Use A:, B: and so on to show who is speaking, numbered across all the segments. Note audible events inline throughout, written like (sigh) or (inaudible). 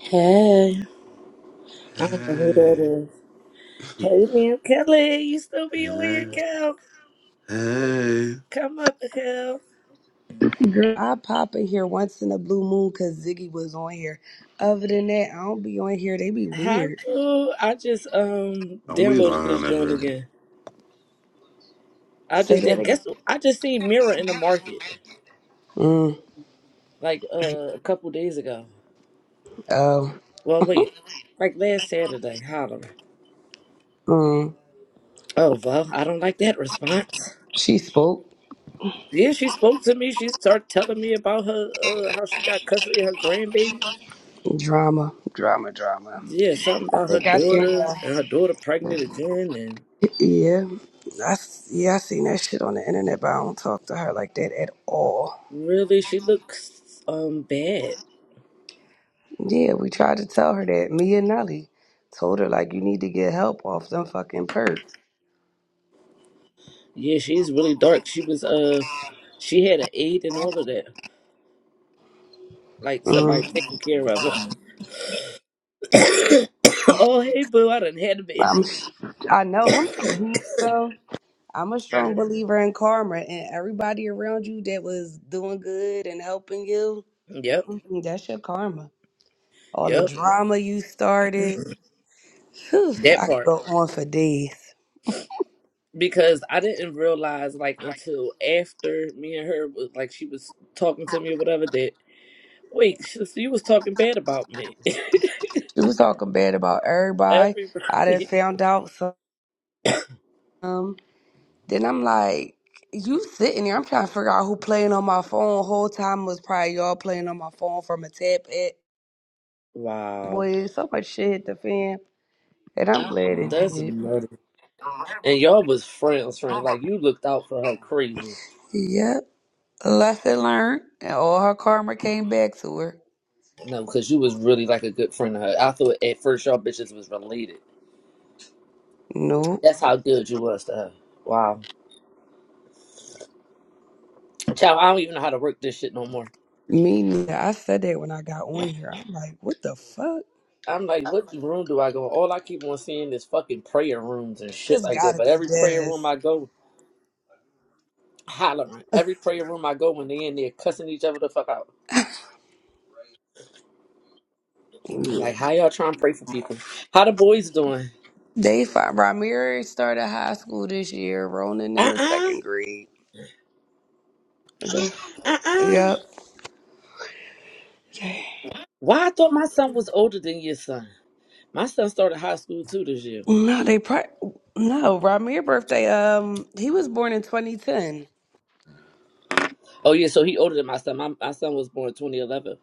A: Hey, I don't know who that
B: Hey,
A: is. Hey, ma'am Kelly, you still be on here,
B: hey,
A: Kel?
B: hey.
A: Come up, Kel.
C: Girl, I pop in here once in a blue moon because Ziggy was on here. Other than that, I don't be on here. They be
A: Hi,
C: weird.
A: boo. I just um
B: Don't be
A: downloaded this
B: lying to
A: joint
B: her.
A: again. I
C: Say
A: just
C: that
A: did.
C: again.
A: Guess what? I just seen Mirror in the market
C: Mm,
A: like uh, a couple days ago.
C: oh,
A: Well, wait, like last Saturday. Holler.
C: mm.
A: Oh well, I don't like that response.
C: She spoke.
A: Yeah, she spoke to me. She started telling me about her uh how she got custody of her grandbaby.
C: Drama, drama, drama.
A: Yeah, something
C: I
A: about her
C: think I seen
A: daughter
C: her.
A: and her daughter pregnant again and.
C: Yeah, I, s- yeah, I seen that shit on the internet, but I don't talk to her like that at all.
A: Really, she looks um bad.
C: Yeah, we tried to tell her that. Me and Nelly told her, like, you need to get help off them fucking perks.
A: Yeah, she's really dark. She was uh, she had an aide and all of that. Like somebody
C: Mm.
A: taking care of her. (coughs) oh hey boo, I done had a baby.
C: I'm, I know him so handsome. I'm a strong believer in karma and everybody around you that was doing good and helping you.
A: (coughs) yep,
C: mhm, That's your karma. All the
A: yep,
C: drama you started. Whew,
A: that
C: I could
A: part.
C: go on for days.
A: Because I didn't realize like until after me and her was like she was talking to me or whatever that wait she, she was talking bad about me.
C: She was talking bad about
A: (laughs)
C: everybody. I done
A: Everybody.
C: found out some. Then I'm like, you sitting there. I'm trying to figure out who playing on my phone. Whole time was probably y'all playing on my phone from a tab at.
A: Wow,
C: Boy, so much shit hit the fan. And I'm glad it
A: that's
C: did.
A: nuts. And y'all was friends, friends. Like you looked out for her crazy.
C: Yep. Lesson learned, and all her karma came back to her.
A: No, because you was really like a good friend to her. I thought at first y'all bitches was related.
C: Nope.
A: That's how good you was to her. Wow. Child, I don't even know how to work this shit no more.
C: Me neither. I said that when I got on here. I'm like, what the fuck?
A: I'm like, what room do I go in? All I keep on seeing is fucking prayer rooms and shit
C: This
A: like that.
C: gotta
A: But
C: be
A: every prayer room
C: this.
A: I go, hollering. Every prayer room I go when they in there cussing each other the fuck out.
C: Yeah.
A: Like, how y'all trying to pray for people? How the boys doing?
C: They find Ramirez started high school this year, Ronan in the
A: Uh-uh.
C: second grade.
A: Uh-uh. uh.
C: Yep. Yeah.
A: Why I thought my son was older than your son? My son started high school too this year.
C: No, they probably no, Ramirez birthday, um, he was born in twenty ten.
A: Oh yeah, so he older than my son. My, my son was born 2011.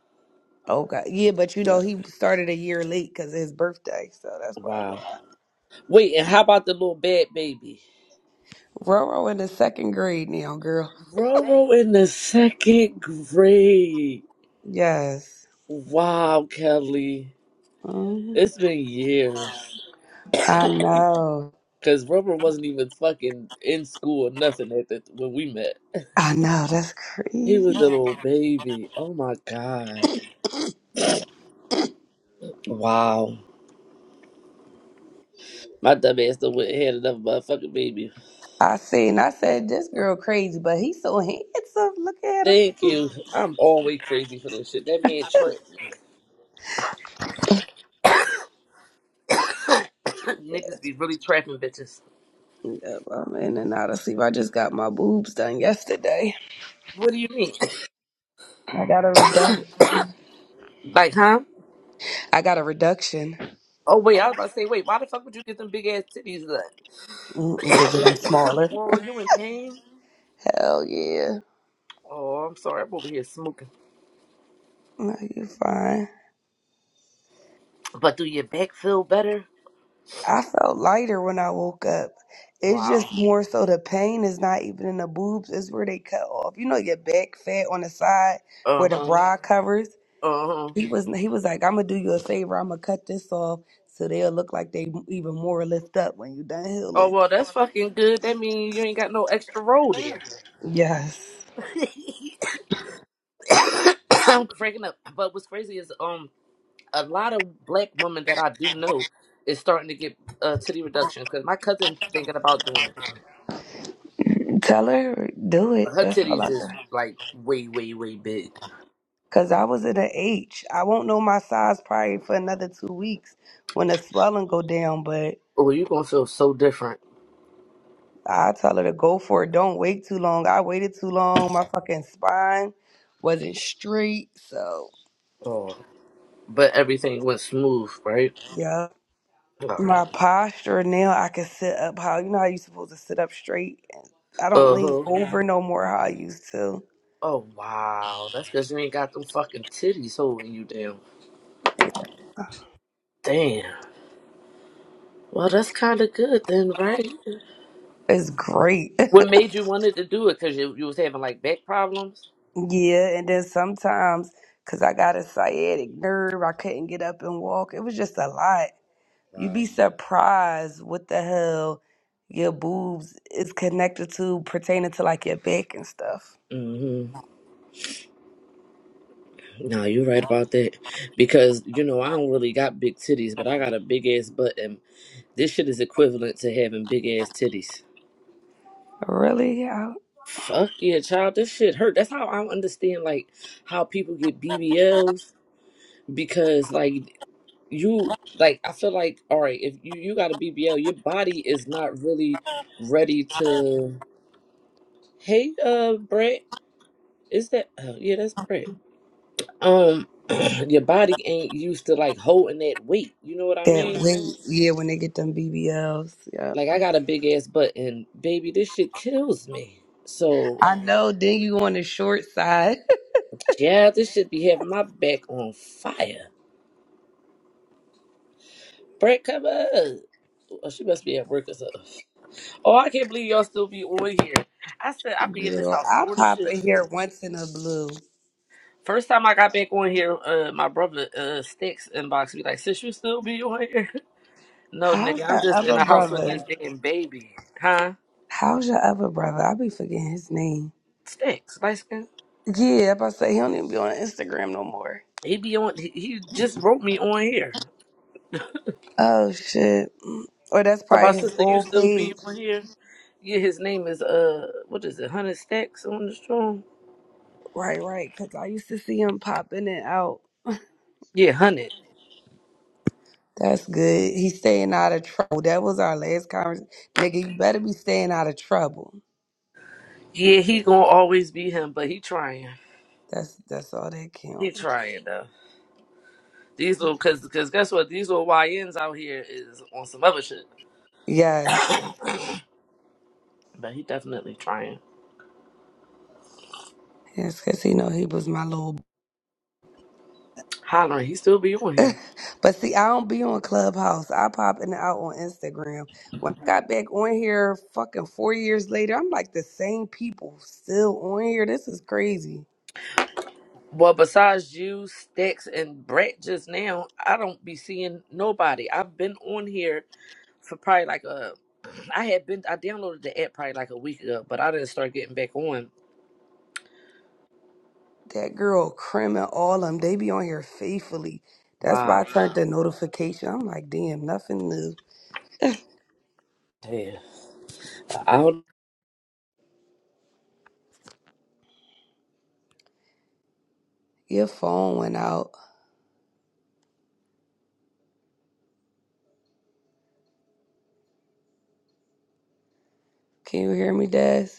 C: Oh god. Yeah, but you
A: Yeah.
C: know he started a year late because of his birthday, so that's probably
A: Wow.
C: why.
A: Wait, and how about the little bad baby?
C: Roro in the second grade now, girl.
A: Roro in the second grade.
C: Yes.
A: Wow, Kelly.
C: Mhm.
A: It's been years.
C: I know.
A: Cause Roro wasn't even fucking in school or nothing at the, when we met. (laughs)
C: I know. That's
A: He was
C: crazy.
A: a little baby. Oh my god.
C: Yeah.
A: Wow. My dumb ass done went and had another motherfucking baby.
C: I seen. I said this girl crazy, but he's so (laughs) handsome. Look at him.
A: Thank you. I'm always crazy for this shit. That man trapped me. (coughs) Niggas be really trapping bitches.
C: Yep, I'm in and out of sleep. I just got my boobs done yesterday.
A: What do you mean?
C: I got a reduc.
A: (coughs) like, huh?
C: I got a reduction.
A: Oh wait, I was about to say, wait, why the fuck would you get them big ass titties done?
C: Mm-mm, they get them smaller.
A: (coughs)
C: (laughs)
A: oh, you in pain?
C: Hell yeah.
A: Oh, I'm sorry, I'm over here smoking.
C: No, you fine.
A: But do your back feel better?
C: I felt lighter when I woke up. It's just
A: Wow.
C: more so the pain is not even in the boobs. It's where they cut off. You know your back fat on the side
A: Uh
C: where the
A: huh.
C: bra covers.
A: Uh huh.
C: He was he was like, I'm gonna do you a favor. I'm gonna cut this off so they'll look like they even more lift up when you done
A: Oh
C: healing.
A: well, that's fucking good. That means you ain't got no extra roll there.
C: Yes.
A: (coughs) I'm cracking up. But what's crazy is um. a lot of black women that I do know is starting to get uh, titty reductions because my cousin thinking about doing it.
C: Tell her do
A: But
C: it.
A: her
C: That's all
A: titties
C: I
A: is
C: can.
A: like way, way, way big.
C: (laughs) Cause I was at an H. I won't know my size probably for another two weeks when the swelling go down. But
A: Oh, you gonna feel so different.
C: I tell her to go for it. Don't wait too long. I waited too long. My fucking spine wasn't straight. So
A: Oh, but everything went smooth, right?
C: yeah,
A: All right.
C: my posture now I can sit up. How you know how you supposed to sit up straight I don't
A: Uh
C: lean
A: huh.
C: over no more how I used to.
A: Oh wow, that's because you ain't got them fucking titties holding you down. Damn. Well, that's kind of good then, right?
C: It's great. (laughs)
A: What made you wanted to do it? Cause you you was having like back problems.
C: yeah, and then sometimes because I got a sciatic nerve, I couldn't get up and walk. It was just a lot. You'd
A: Wow.
C: be surprised what the hell your boobs is connected to pertaining to like your back and stuff.
A: No, you're right about that. Because, you know, I don't really got big titties, but I got a big ass butt, and this shit is equivalent to having big ass titties.
C: Really? Yeah.
A: Fuck yeah, child. This shit hurt. That's how I don't understand, like, how people get BBLs. Because, like, you, like, I feel like, all right, if you, you got a BBL, your body is not really ready to. Hey, uh, Brett. Is that. Oh, yeah, that's Brett. Um, (clears throat) your body ain't used to, like, holding that weight. You know what I
C: That
A: mean?
C: weight, yeah, when they get them BBLs, yeah.
A: Like I got a big ass butt, and baby, this shit kills me. So
C: I know. Then you on the short side,
A: yeah, this should be having my back on fire. Brett, come up. Oh, she must be at work or something. Oh, I can't believe y'all still be on here. I said I
C: (laughs)
A: be in this
C: girl.
A: house
C: I
A: bored as
C: pop
A: shit.
C: in here once in a blue.
A: First time I got back on here, uh, my brother uh Stacks inbox me like, "Sis, you still be on here?" (laughs) No,
C: How's
A: nigga, I'm
C: that
A: just in
C: other
A: the house with
C: brother?
A: this damn baby, huh?
C: How's your other brother? I be forgetting his name.
A: Stacks, Sticks, like
C: Yeah, I about to say he don't even be on Instagram no more.
A: he be on. He, he just wrote me on here.
C: Oh shit. Mm. Or that's
A: So my
C: probably his
A: sister, you
C: old
A: still be
C: page.
A: on here? Yeah, his name is uh, what is it? Hundred Stacks on the strong.
C: Right, right. Cause I used to see him popping it out.
A: Yeah, hundred.
C: That's good. He's staying out of trouble. That was our last conversation. Nigga, you better be staying out of trouble.
A: Yeah, he gonna always be him, but he trying.
C: That's that's all that
A: He
C: counts.
A: trying though. These little cause cause guess what? These little YNs out here is on some other shit. (coughs)
C: Yes.
A: but he definitely trying.
C: Yes, cause he know he was my little
A: Hollering, he still be on here.
C: but see, I don't be on Clubhouse. I pop in and out on Instagram. When I got back on here fucking four years later, I'm like the same people still on here. This is crazy.
A: Well, besides you, Stacks, and Brett just now, I don't be seeing nobody. I've been on here for probably like a I had been I downloaded the app probably like a week ago, but I didn't start getting back on.
C: That girl, Krim and all them, they be on here faithfully. That's why I
A: Wow.
C: turned the notification. I'm like, damn, nothing new.
A: Damn. I. don't
C: Your phone went out. Can you hear me, Des?